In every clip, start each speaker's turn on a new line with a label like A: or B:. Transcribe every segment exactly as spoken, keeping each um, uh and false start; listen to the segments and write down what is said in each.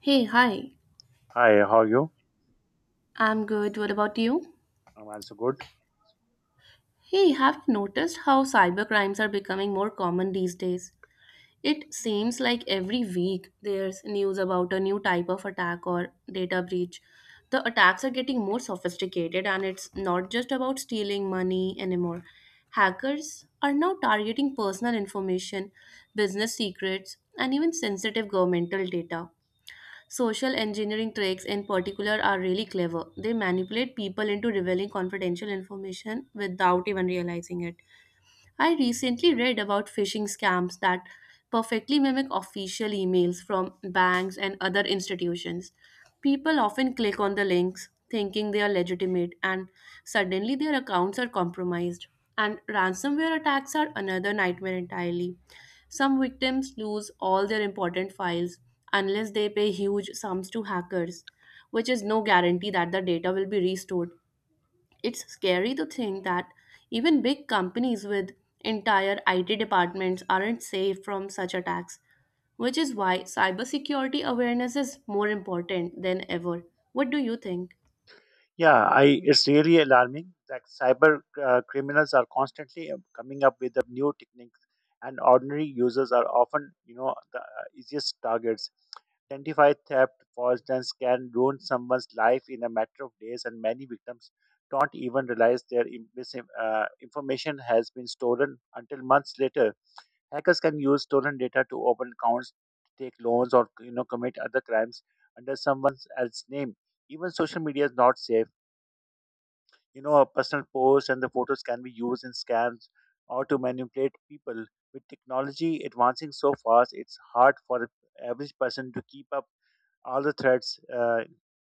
A: Hey, hi.
B: Hi, how are you?
A: I'm good. What about you?
B: I'm also good.
A: Hey, have you noticed how cyber crimes are becoming more common these days? It seems like every week there's news about a new type of attack or data breach. The attacks are getting more sophisticated, and it's not just about stealing money anymore. Hackers are now targeting personal information, business secrets, and even sensitive governmental data. Social engineering tricks, in particular, are really clever. They manipulate people into revealing confidential information without even realizing it. I recently read about phishing scams that perfectly mimic official emails from banks and other institutions. People often click on the links thinking they are legitimate, and suddenly their accounts are compromised. And ransomware attacks are another nightmare entirely. Some victims lose all their important files unless they pay huge sums to hackers, which is no guarantee that the data will be restored. It's scary to think that even big companies with entire I T departments aren't safe from such attacks, which is why cybersecurity awareness is more important than ever. What do you think?
B: Yeah, I it's really alarming that cyber uh, criminals are constantly um, coming up with the new techniques, and ordinary users are often, you know, the uh, easiest targets. Identify theft, for instance, can ruin someone's life in a matter of days, and many victims don't even realize their im- mis- uh, information has been stolen until months later. Hackers can use stolen data to open accounts, take loans, or you know commit other crimes under someone else's name. Even social media is not safe. You know, a personal post and the photos can be used in scams or to manipulate people. With technology advancing so fast, it's hard for the average person to keep up all the threats, uh,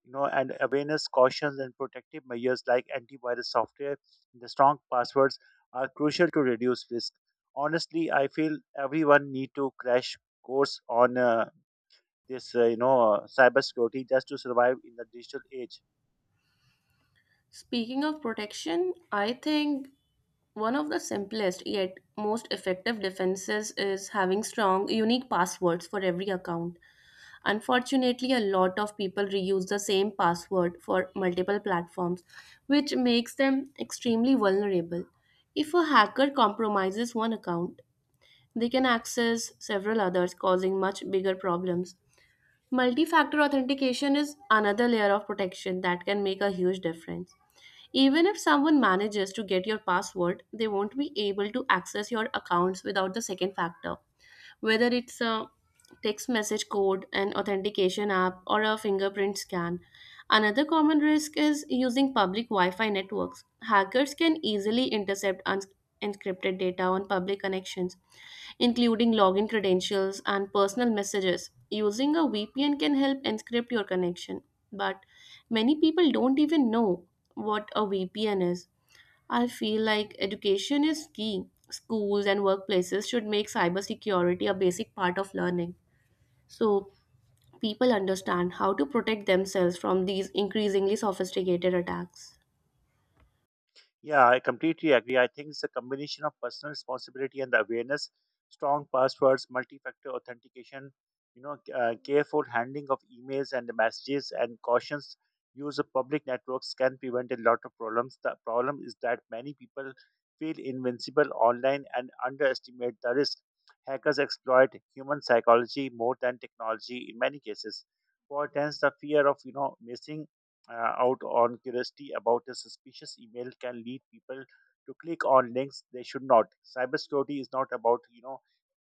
B: you know, and awareness, cautions, and protective measures like antivirus software and the strong passwords are crucial to reduce risk. Honestly, I feel everyone need to crash course on uh, this, uh, you know, uh, cybersecurity just to survive in the digital age.
A: Speaking of protection, I think one of the simplest yet most effective defenses is having strong, unique passwords for every account. Unfortunately, a lot of people reuse the same password for multiple platforms, which makes them extremely vulnerable. If a hacker compromises one account, they can access several others, causing much bigger problems. Multi factor authentication is another layer of protection that can make a huge difference. Even if someone manages to get your password, they won't be able to access your accounts without the second factor, whether it's a text message code, an authentication app, or a fingerprint scan. Another common risk is using public Wi Fi networks. Hackers can easily intercept uns- encrypted data on public connections, including login credentials and personal messages. Using a V P N can help encrypt your connection, but many people don't even know what a V P N is. I feel like education is key. Schools and workplaces should make cybersecurity a basic part of learning so people understand how to protect themselves from these increasingly sophisticated attacks.
B: Yeah, I completely agree. I think it's a combination of personal responsibility and the awareness, strong passwords, multi-factor authentication, you know, uh, careful handling of emails and the messages, and cautions. Use of public networks can prevent a lot of problems. The problem is that many people feel invincible online and underestimate the risk. Hackers exploit human psychology more than technology in many cases. For instance, the fear of you know missing uh, out on curiosity about a suspicious email can lead people to click on links they should not. Cybersecurity is not about you know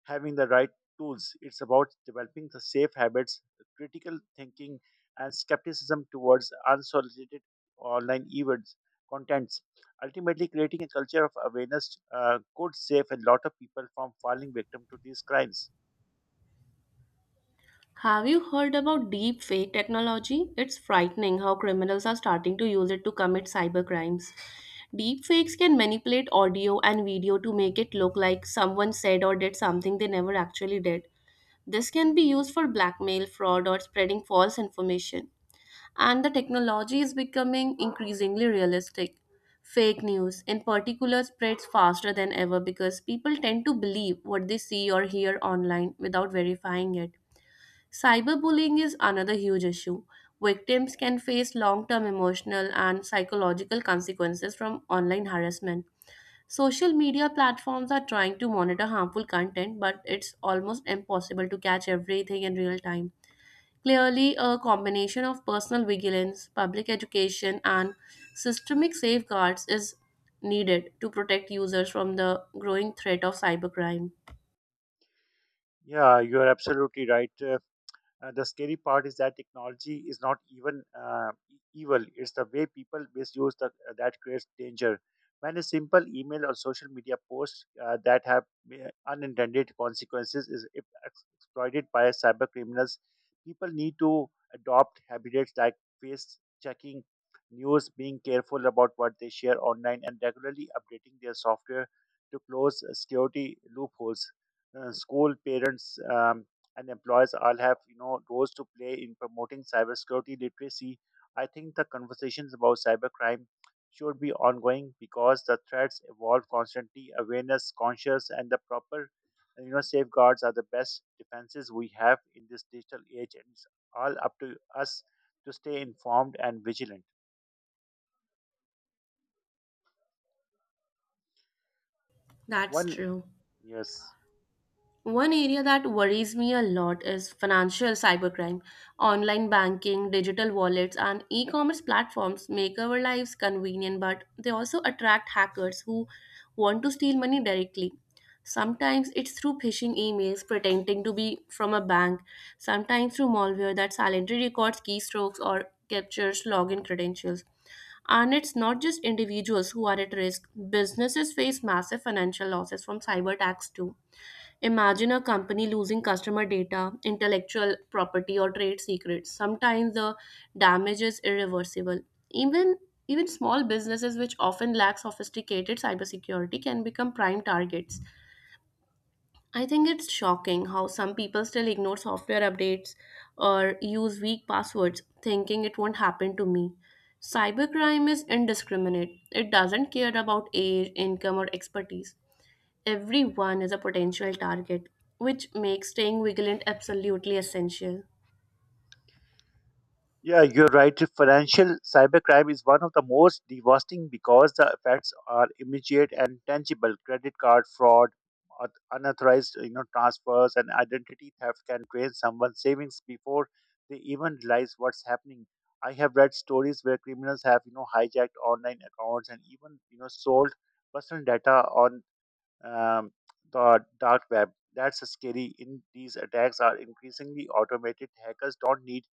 B: having the right tools; it's about developing the safe habits, critical thinking, and skepticism towards unsolicited online events contents. Ultimately, creating a culture of awareness uh, could save a lot of people from falling victim to these crimes.
A: Have you heard about deep fake technology? It's frightening how criminals are starting to use it to commit cybercrimes. Deepfakes can manipulate audio and video to make it look like someone said or did something they never actually did. This can be used for blackmail, fraud, or spreading false information, and the technology is becoming increasingly realistic. Fake news, in particular, spreads faster than ever because people tend to believe what they see or hear online without verifying it. Cyberbullying is another huge issue. Victims can face long term emotional and psychological consequences from online harassment. Social media platforms are trying to monitor harmful content, but it's almost impossible to catch everything in real time. Clearly, a combination of personal vigilance, public education, and systemic safeguards is needed to protect users from the growing threat of cybercrime.
B: Yeah, you are absolutely right. Uh, Uh, the scary part is that technology is not even uh, e- evil. It's the way people misuse the, uh, that creates danger. When a simple email or social media post uh, that have uh, unintended consequences is ex- exploited by cyber criminals, people need to adopt habits like face checking news, being careful about what they share online, and regularly updating their software to close uh, security loopholes. Uh, school parents um, and employers all have you know roles to play in promoting cybersecurity literacy. I think the conversations about cybercrime should be ongoing because the threats evolve constantly. Awareness, conscious, and the proper you know safeguards are the best defenses we have in this digital age, and it's all up to us to stay informed and vigilant.
A: That's
B: One
A: true.
B: yes.
A: One area that worries me a lot is financial cybercrime. Online banking, digital wallets, and e commerce platforms make our lives convenient, but they also attract hackers who want to steal money directly. Sometimes it's through phishing emails pretending to be from a bank, sometimes through malware that silently records keystrokes or captures login credentials. And it's not just individuals who are at risk, businesses face massive financial losses from cyber attacks too. Imagine a company losing customer data, intellectual property, or trade secrets. Sometimes the damage is irreversible. Even even small businesses which often lack sophisticated cybersecurity can become prime targets. I think it's shocking how some people still ignore software updates or use weak passwords thinking it won't happen to me. Cybercrime is indiscriminate. It doesn't care about age, income, or expertise. Everyone is a potential target, which makes staying vigilant absolutely essential.
B: Yeah, you're right. Financial cybercrime is one of the most devastating because the effects are immediate and tangible. Credit card fraud, auth- unauthorized you know transfers, and identity theft can drain someone's savings before they even realize what's happening. I have read stories where criminals have you know hijacked online accounts and even you know sold personal data on um, the dark web. That's scary. In these attacks are increasingly automated. Hackers don't need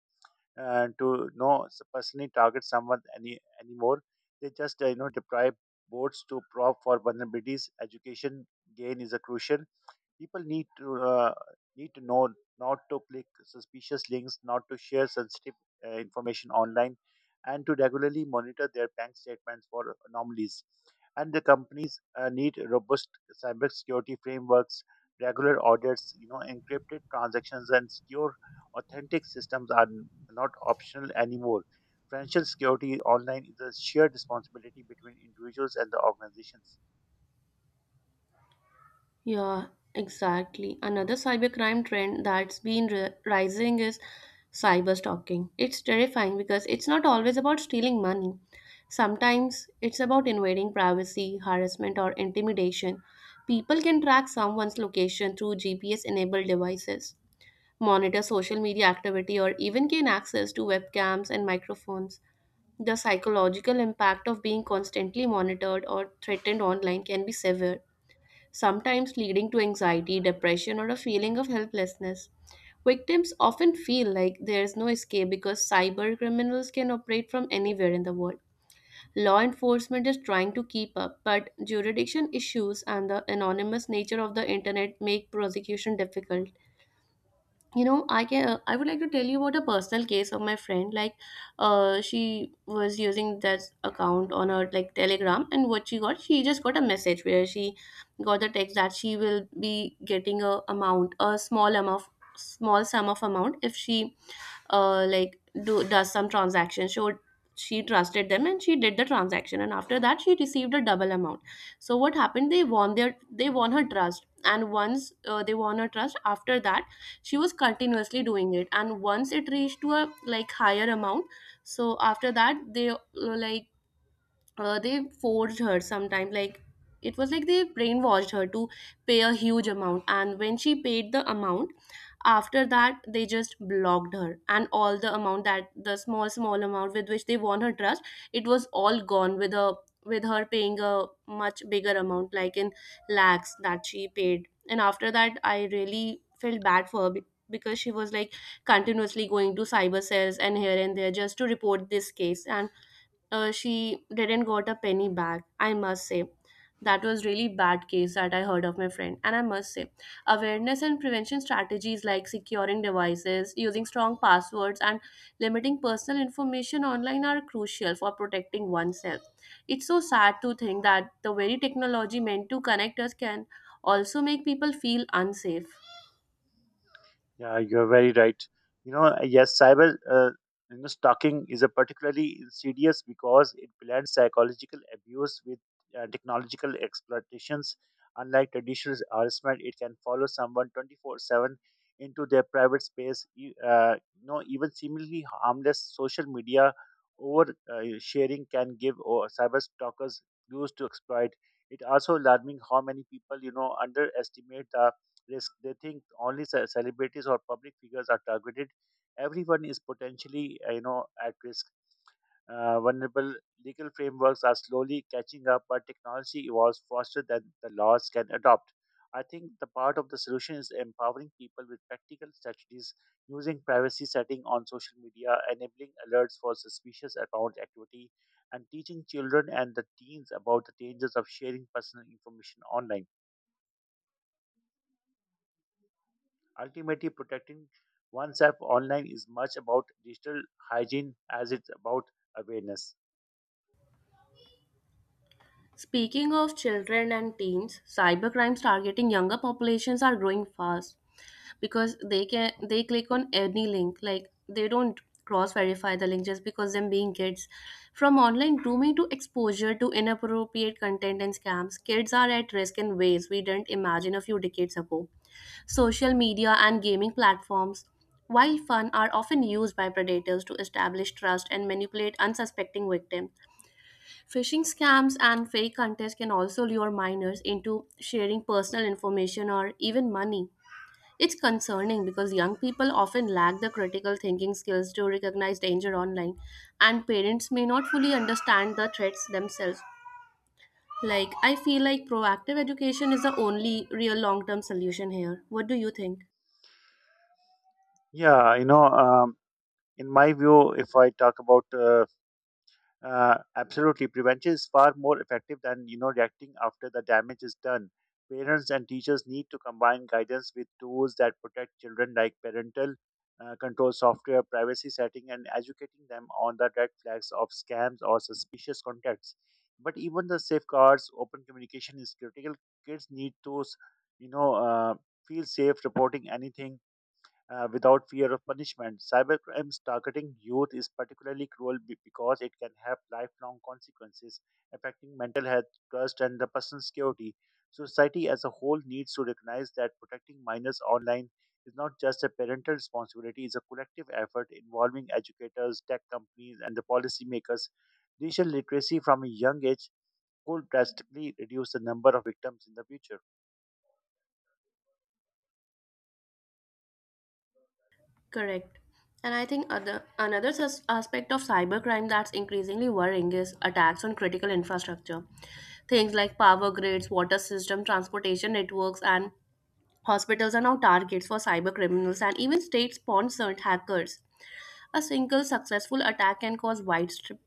B: uh, to no s- personally target someone any anymore. They just uh, you know deprive boards to prop for vulnerabilities. Education gain is a crucial. People need to uh, need to know not to click suspicious links, not to share sensitive uh, information online, and to regularly monitor their bank statements for anomalies. And the companies uh, need robust cybersecurity frameworks, regular audits, you know, encrypted transactions, and secure, authentic systems are n- not optional anymore. Financial security online is a shared responsibility between individuals and the organizations.
A: Yeah, exactly. Another cybercrime trend that's been ri- rising is cyber stalking. It's terrifying because it's not always about stealing money. Sometimes it's about invading privacy, harassment, or intimidation. People can track someone's location through G P S enabled devices, monitor social media activity, or even gain access to webcams and microphones. The psychological impact of being constantly monitored or threatened online can be severe, sometimes leading to anxiety, depression, or a feeling of helplessness. Victims often feel like there is no escape because cyber criminals can operate from anywhere in the world. Law enforcement is trying to keep up, but jurisdiction issues and the anonymous nature of the internet make prosecution difficult. You know, i can i would like to tell you about a personal case of my friend. Like, uh she was using that account on her, like, telegram, and what she got, she just got a message where she got the text that she will be getting a amount, a small amount, small sum of amount if she, uh like do does some transaction. So she trusted them and she did the transaction, and after that she received a double amount. So what happened, they won their they won her trust, and once uh, they won her trust, after that she was continuously doing it, and once it reached to a like higher amount, so after that they, uh, like uh, they forced her sometime, like it was like they brainwashed her to pay a huge amount, and when she paid the amount, after that they just blocked her, and all the amount, that the small small amount with which they won her trust, it was all gone, with a, with her paying a much bigger amount, like in lakhs that she paid. And after that I really felt bad for her be- because she was like continuously going to cyber cells and here and there just to report this case, and uh, she didn't got a penny back. I must say that was really bad case that I heard of my friend, and I must say awareness and prevention strategies like securing devices, using strong passwords, and limiting personal information online are crucial for protecting oneself. It's so sad to think that the very technology meant to connect us can also make people feel unsafe.
B: Yeah, you're very right. You know, yes, cyber uh, you know, stalking is a particularly insidious because it blends psychological abuse with uh, technological exploitations. Unlike traditional harassment, it can follow someone twenty-four seven into their private space. E- Uh, you know, even seemingly harmless social media over uh, sharing can give or cyber stalkers used to exploit. It also alarming how many people you know underestimate the risk. They think only ce- celebrities or public figures are targeted. Everyone is potentially, uh, you know, at risk. Uh, vulnerable legal frameworks are slowly catching up, but technology evolves faster than the laws can adopt. I think the part of the solution is empowering people with practical strategies using privacy setting on social media, enabling alerts for suspicious account activity, and teaching children and the teens about the dangers of sharing personal information online. Ultimately, protecting oneself online is much about digital hygiene as it's about awareness.
A: Speaking of children and teens, cybercrimes targeting younger populations are growing fast because they can they click on any link. Like, they don't cross verify the link just because them being kids. From online grooming to exposure to inappropriate content and scams, kids are at risk in ways we didn't imagine a few decades ago. Social media and gaming platforms, while fun, are often used by predators to establish trust and manipulate unsuspecting victims. Phishing scams and fake contests can also lure minors into sharing personal information or even money. It's concerning because young people often lack the critical thinking skills to recognize danger online, and parents may not fully understand the threats themselves. Like, I feel like proactive education is the only real long term solution here. What do you think?
B: Yeah, you know, um, in my view, if I talk about uh, Uh, absolutely, prevention is far more effective than you know reacting after the damage is done. Parents and teachers need to combine guidance with tools that protect children, like parental uh, control software, privacy setting, and educating them on the red flags of scams or suspicious contacts. But even the safeguards, open communication is critical. Kids need to, s- you know, uh, feel safe reporting anything uh, without fear of punishment. Cybercrimes targeting youth is particularly cruel be- because it can have lifelong consequences affecting mental health, trust, and the person's security. Society as a whole needs to recognize that protecting minors online is not just a parental responsibility, it's a collective effort involving educators, tech companies, and the policymakers. Digital literacy from a young age could drastically reduce the number of victims in the future.
A: Correct. And I think other another sus- aspect of cybercrime that's increasingly worrying is attacks on critical infrastructure. Things like power grids, water system, transportation networks, and hospitals are now targets for cyber criminals and even state-sponsored hackers. A single successful attack can cause widespread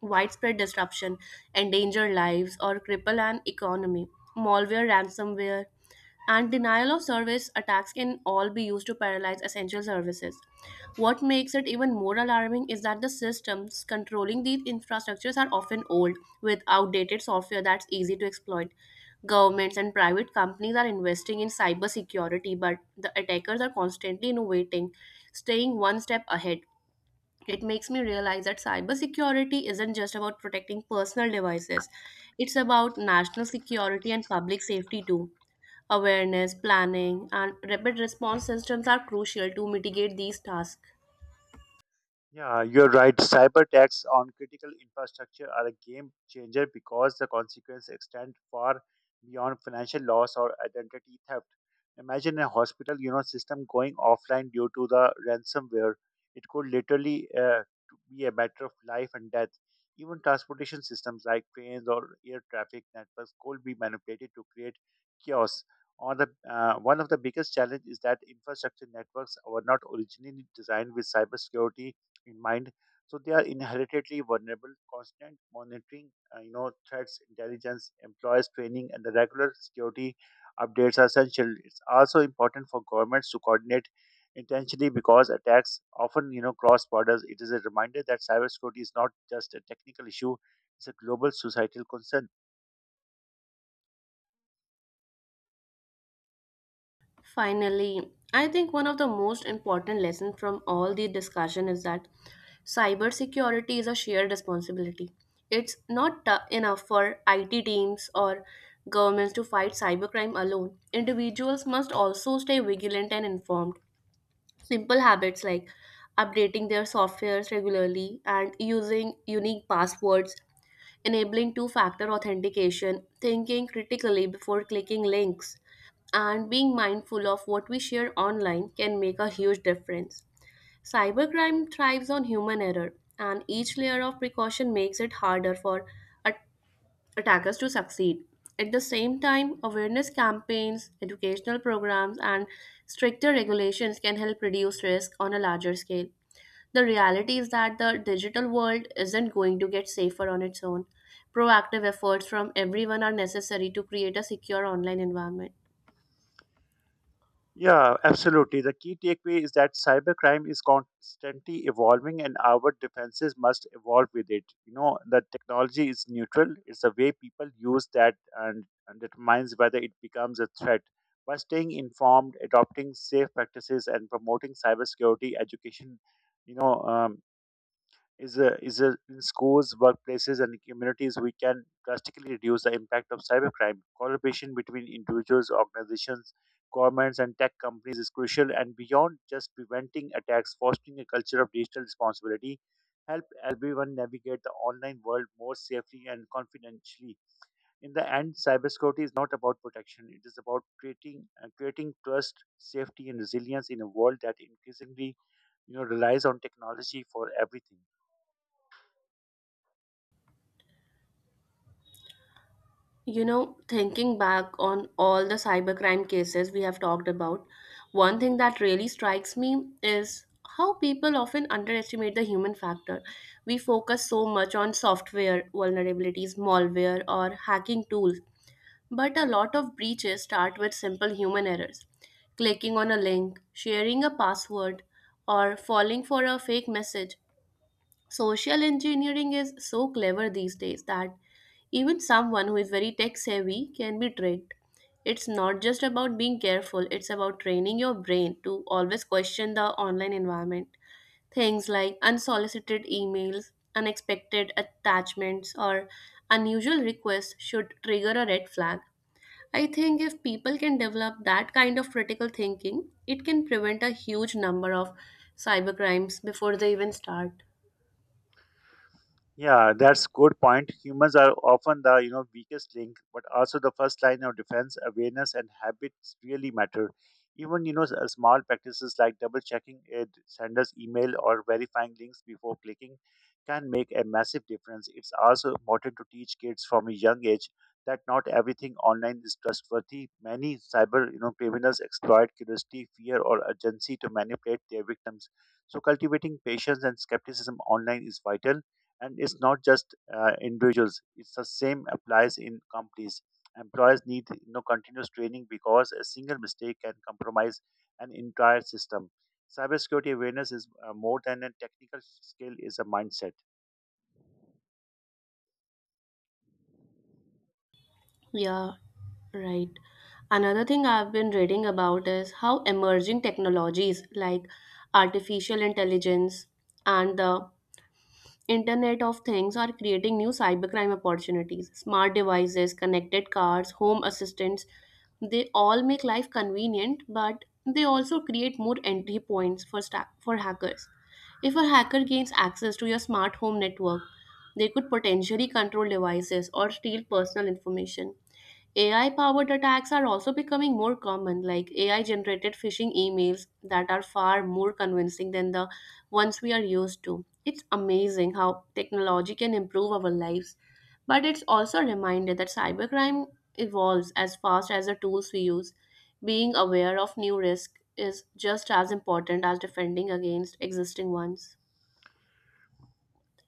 A: widespread disruption, endanger lives, or cripple an economy. Malware, ransomware, and denial of service attacks can all be used to paralyze essential services. What makes it even more alarming is that the systems controlling these infrastructures are often old, with outdated software that's easy to exploit. Governments and private companies are investing in cybersecurity, but the attackers are constantly innovating, staying one step ahead. It makes me realize that cybersecurity isn't just about protecting personal devices. It's about national security and public safety too. Awareness, planning, and rapid response systems are crucial to mitigate these tasks.
B: Yeah, you're right. Cyber attacks on critical infrastructure are a game changer because the consequences extend far beyond financial loss or identity theft. Imagine a hospital, you know, system going offline due to the ransomware. It could literally uh, be a matter of life and death. Even transportation systems like trains or air traffic networks could be manipulated to create chaos. On the, uh, one of the biggest challenges is that infrastructure networks were not originally designed with cybersecurity in mind. So they are inherently vulnerable. Constant monitoring, uh, you know, threats, intelligence, employers training, and the regular security updates are essential. It's also important for governments to coordinate intentionally because attacks often, you know, cross borders. It is a reminder that cybersecurity is not just a technical issue; it's a global societal concern.
A: Finally, I think one of the most important lessons from all the discussion is that cybersecurity is a shared responsibility. It's not tou- enough for I T teams or governments to fight cybercrime alone. Individuals must also stay vigilant and informed. Simple habits like updating their softwares regularly and using unique passwords, enabling two factor authentication, thinking critically before clicking links, and being mindful of what we share online can make a huge difference. Cybercrime thrives on human error, and each layer of precaution makes it harder for at- attackers to succeed. At the same time, awareness campaigns, educational programs, and stricter regulations can help reduce risk on a larger scale. The reality is that the digital world isn't going to get safer on its own. Proactive efforts from everyone are necessary to create a secure online environment.
B: Yeah, absolutely. The key takeaway is that cybercrime is constantly evolving and our defenses must evolve with it. You know, the technology is neutral, it's the way people use that and, and determines whether it becomes a threat. By staying informed, adopting safe practices, and promoting cybersecurity education, you know, um, is, uh, is uh, in schools, workplaces, and communities, we can drastically reduce the impact of cybercrime. Collaboration between individuals, organizations, governments, and tech companies is crucial. And beyond just preventing attacks, fostering a culture of digital responsibility help everyone navigate the online world more safely and confidentially. In the end, cybersecurity is not about protection; it is about creating uh, creating trust, safety, and resilience in a world that increasingly you know relies on technology for everything.
A: You know, thinking back on all the cybercrime cases we have talked about, one thing that really strikes me is how people often underestimate the human factor. We focus so much on software vulnerabilities, malware, or hacking tools, but a lot of breaches start with simple human errors: clicking on a link, sharing a password, or falling for a fake message. Social engineering is so clever these days that even someone who is very tech savvy can be tricked. It's not just about being careful, it's about training your brain to always question the online environment. Things like unsolicited emails, unexpected attachments, or unusual requests should trigger a red flag. I think if people can develop that kind of critical thinking, it can prevent a huge number of cybercrimes before they even start.
B: Yeah, that's good point. Humans are often the you know weakest link, but also the first line of defense. Awareness and habits really matter. Even you know s- uh, small practices like double checking a d- sender's email or verifying links before clicking can make a massive difference. It's also important to teach kids from a young age that not everything online is trustworthy. Many cyber you know criminals exploit curiosity, fear, or urgency to manipulate their victims. So cultivating patience and skepticism online is vital and it's not just uh, individuals it's the same applies in companies employers need you know continuous training because a single mistake can compromise an entire system cybersecurity awareness is uh, more than a technical skill is a mindset.
A: Yeah, right. Another thing I've been reading about is how emerging technologies like artificial intelligence and the Internet of Things are creating new cybercrime opportunities. Smart devices, connected cars, home assistants, they all make life convenient, but they also create more entry points for sta- for hackers. If a hacker gains access to your smart home network, they could potentially control devices or steal personal information. A I powered attacks are also becoming more common, like A I generated phishing emails that are far more convincing than the ones we are used to. It's amazing how technology can improve our lives, but it's also a reminder that cybercrime evolves as fast as the tools we use. Being aware of new risks is just as important as defending against existing ones.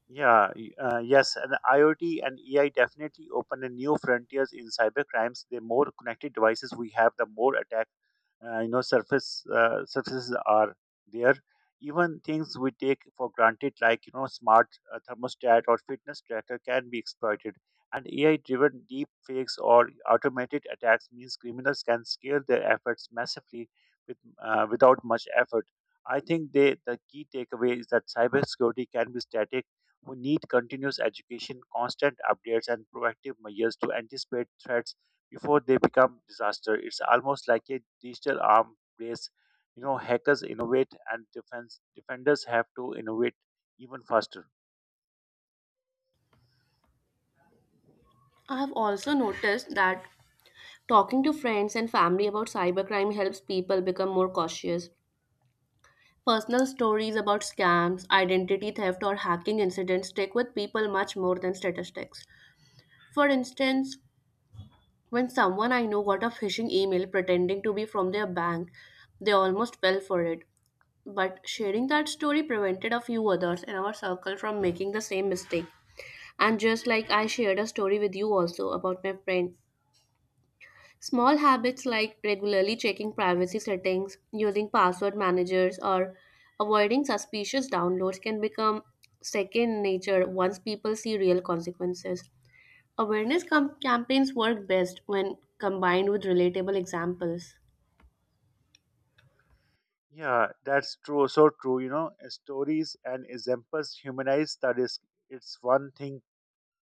B: Yeah, y- uh, yes, and IoT and A I definitely open a new frontiers in cyber crimes. The more connected devices we have, the more attack, uh, you know, surface uh, surfaces are there. Even things we take for granted, like you know, smart uh, thermostat or fitness tracker, can be exploited. And A I-driven deep fakes or automated attacks means criminals can scale their efforts massively with uh, without much effort. I think they, the key takeaway is that cybersecurity can be static we need continuous education, constant updates, and proactive measures to anticipate threats before they become disaster. It's almost like a digital arm race. You know, hackers innovate, and defense defenders have to innovate even faster.
A: I have also noticed that talking to friends and family about cybercrime helps people become more cautious. Personal stories about scams, identity theft, or hacking incidents stick with people much more than statistics. For instance, when someone I know got a phishing email pretending to be from their bank, they almost fell for it. But sharing that story prevented a few others in our circle from making the same mistake. And just like I shared a story with you also about my friend. Small habits like regularly checking privacy settings, using password managers, or avoiding suspicious downloads can become second nature once people see real consequences. Awareness com- campaigns work best when combined with relatable examples.
B: Yeah, that's true. So true. You know, stories and examples humanize the risk. It's one thing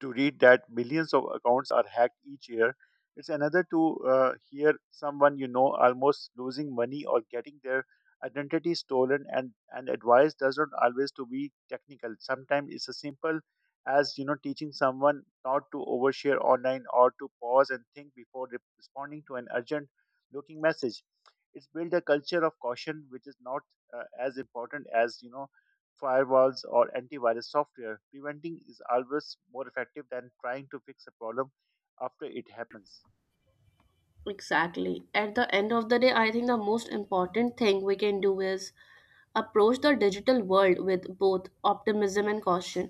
B: to read that millions of accounts are hacked each year. It's another to uh, hear someone you know almost losing money or getting their identity stolen. And, and advice doesn't always to be technical. Sometimes it's as simple as you know teaching someone not to overshare online or to pause and think before re- responding to an urgent looking message. It's built a culture of caution, which is not uh, as important as you know firewalls, or antivirus software. Preventing is always more effective than trying to fix a problem after it happens.
A: Exactly. At the end of the day, I think the most important thing we can do is approach the digital world with both optimism and caution.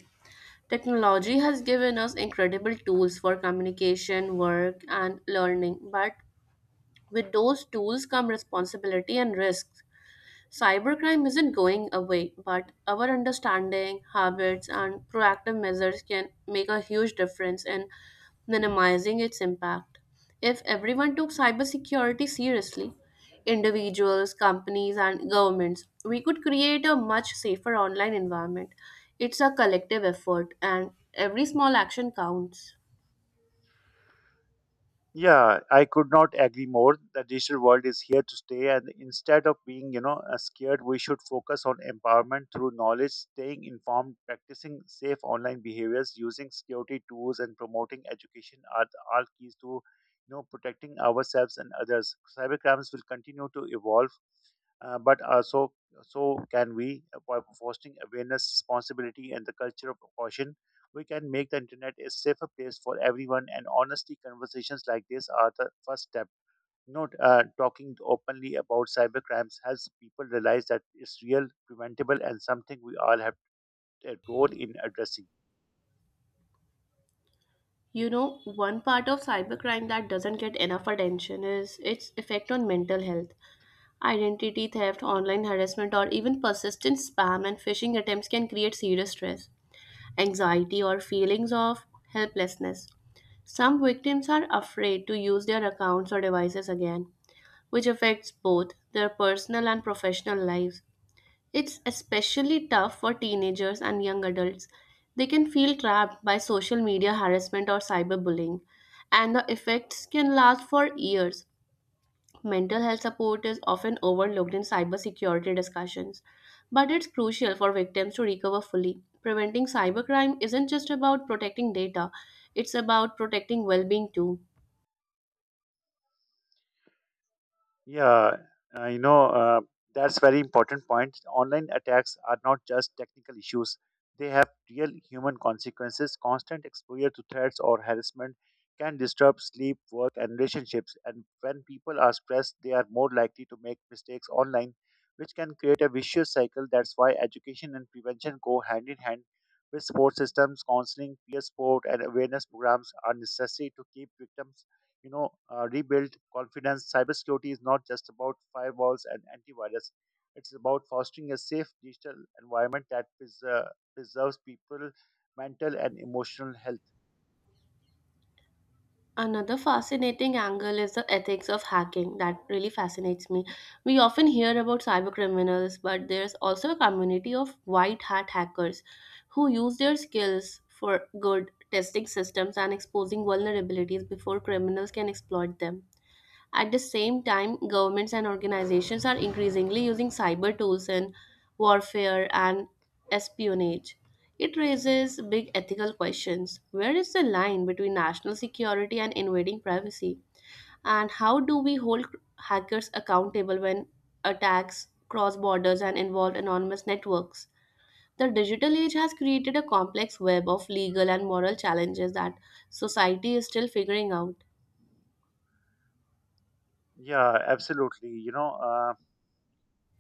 A: Technology has given us incredible tools for communication, work, and learning, but with those tools come responsibility and risks. Cybercrime isn't going away, but our understanding, habits, and proactive measures can make a huge difference in minimizing its impact. If everyone took cybersecurity seriously, individuals, companies, and governments, we could create a much safer online environment. It's a collective effort, and every small action counts.
B: Yeah, I could not agree more. The digital world is here to stay, and instead of being, you know, uh, scared, we should focus on empowerment through knowledge. Staying informed, practicing safe online behaviors, using security tools, and promoting education are the- all keys to, you know, protecting ourselves and others. Cybercrimes will continue to evolve, uh, but uh, so so can we. Uh, by fostering awareness, responsibility, and the culture of caution, we can make the internet a safer place for everyone. And honestly, conversations like this are the first step. You know, uh, talking openly about cyber crimes helps people realize that it's real, preventable, and something we all have a role in addressing.
A: You know, one part of cybercrime that doesn't get enough attention is its effect on mental health. Identity theft, online harassment, or even persistent spam and phishing attempts can create serious stress, anxiety, or feelings of helplessness. Some victims are afraid to use their accounts or devices again, which affects both their personal and professional lives. It's especially tough for teenagers and young adults. They can feel trapped by social media harassment or cyberbullying, and the effects can last for years. Mental health support is often overlooked in cybersecurity discussions, but it's crucial for victims to recover fully. Preventing cybercrime isn't just about protecting data, it's about protecting well being too.
B: Yeah, uh, you know, uh, that's very important point. Online attacks are not just technical issues. They have real human consequences. Constant exposure to threats or harassment can disturb sleep, work, and relationships. And when people are stressed, they are more likely to make mistakes online, which can create a vicious cycle. That's why education and prevention go hand in hand with support systems. Counseling, peer support, and awareness programs are necessary to keep victims you know uh, rebuild confidence. Cybersecurity is not just about firewalls and antivirus; it's about fostering a safe digital environment that preser- preserves people mental and emotional health.
A: Another fascinating angle is the ethics of hacking that really fascinates me. We often hear about cybercriminals, but there's also a community of white hat hackers who use their skills for good, testing systems and exposing vulnerabilities before criminals can exploit them. At the same time, governments and organizations are increasingly using cyber tools in warfare and espionage. It raises big ethical questions. Where is the line between national security and invading privacy? And how do we hold hackers accountable when attacks cross borders and involve anonymous networks? The digital age has created a complex web of legal and moral challenges that society is still figuring out.
B: Yeah, absolutely. You know. Uh,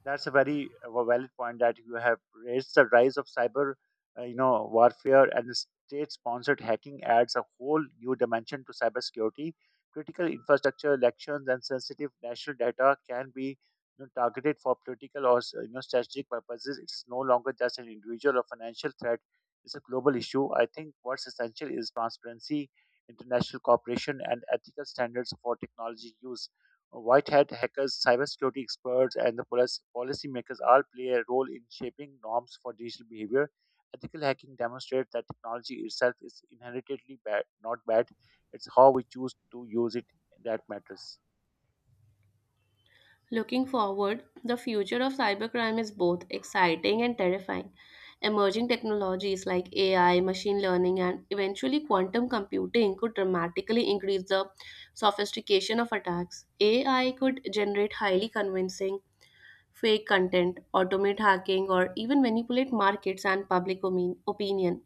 B: That's a very uh, valid point that you have raised. The rise of cyber, uh, you know, warfare and state-sponsored hacking adds a whole new dimension to cybersecurity. Critical infrastructure, elections, and sensitive national data can be you know, targeted for political or you know strategic purposes. It is no longer just an individual or financial threat; it's a global issue. I think what's essential is transparency, international cooperation, and ethical standards for technology use. White hat hackers, cybersecurity experts, and the policy policymakers all play a role in shaping norms for digital behavior. Ethical hacking demonstrates that technology itself is inherently bad, not bad. It's how we choose to use it that matters.
A: Looking forward, the future of cybercrime is both exciting and terrifying. Emerging technologies like A I, machine learning, and eventually quantum computing could dramatically increase the sophistication of attacks. A I could generate highly convincing fake content, automate hacking, or even manipulate markets and public omin- opinion.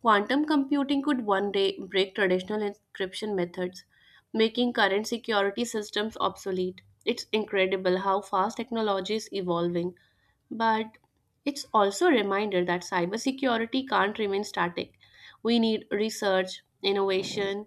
A: Quantum computing could one day break traditional encryption methods, making current security systems obsolete. It's incredible how fast technology is evolving, but it's also a reminder that cybersecurity can't remain static. We need research, innovation,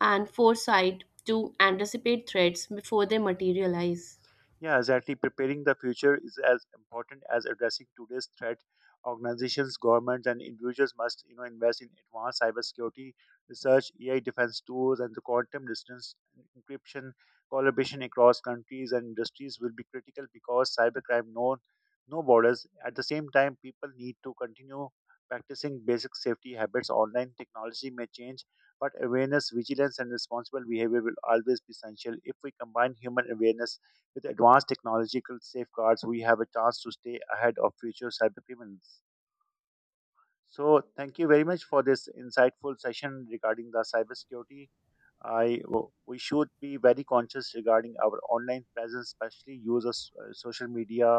A: and foresight to anticipate threats before they materialize.
B: Yeah, exactly. Preparing the future is as important as addressing today's threat. Organizations, governments, and individuals must, you know, invest in advanced cybersecurity research, A I defense tools, and the quantum distance encryption. Collaboration across countries and industries will be critical because cybercrime knows no borders. At the same time, people need to continue practicing basic safety habits. Online technology may change, but awareness, vigilance, and responsible behavior will always be essential. If we combine human awareness with advanced technological safeguards, we have a chance to stay ahead of future cyber criminals. So, thank you very much for this insightful session regarding the cybersecurity. I We should be very conscious regarding our online presence, especially use of s- uh, social media,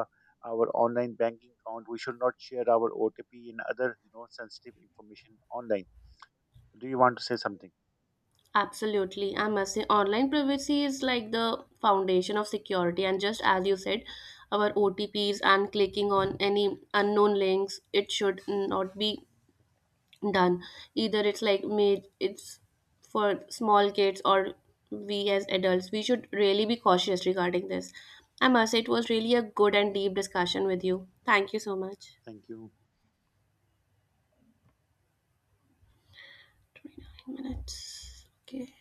B: our online banking account. We should not share our O T P and other you know sensitive information online. Do you want to say something?
A: Absolutely. I must say, online privacy is like the foundation of security. And just as you said, our O T Ps and clicking on any unknown links, it should not be done. Either it's like made, it's for small kids or we as adults, we should really be cautious regarding this. I must say, it was really a good and deep discussion with you. Thank you so much.
B: Thank you.
A: Minutes. Okay.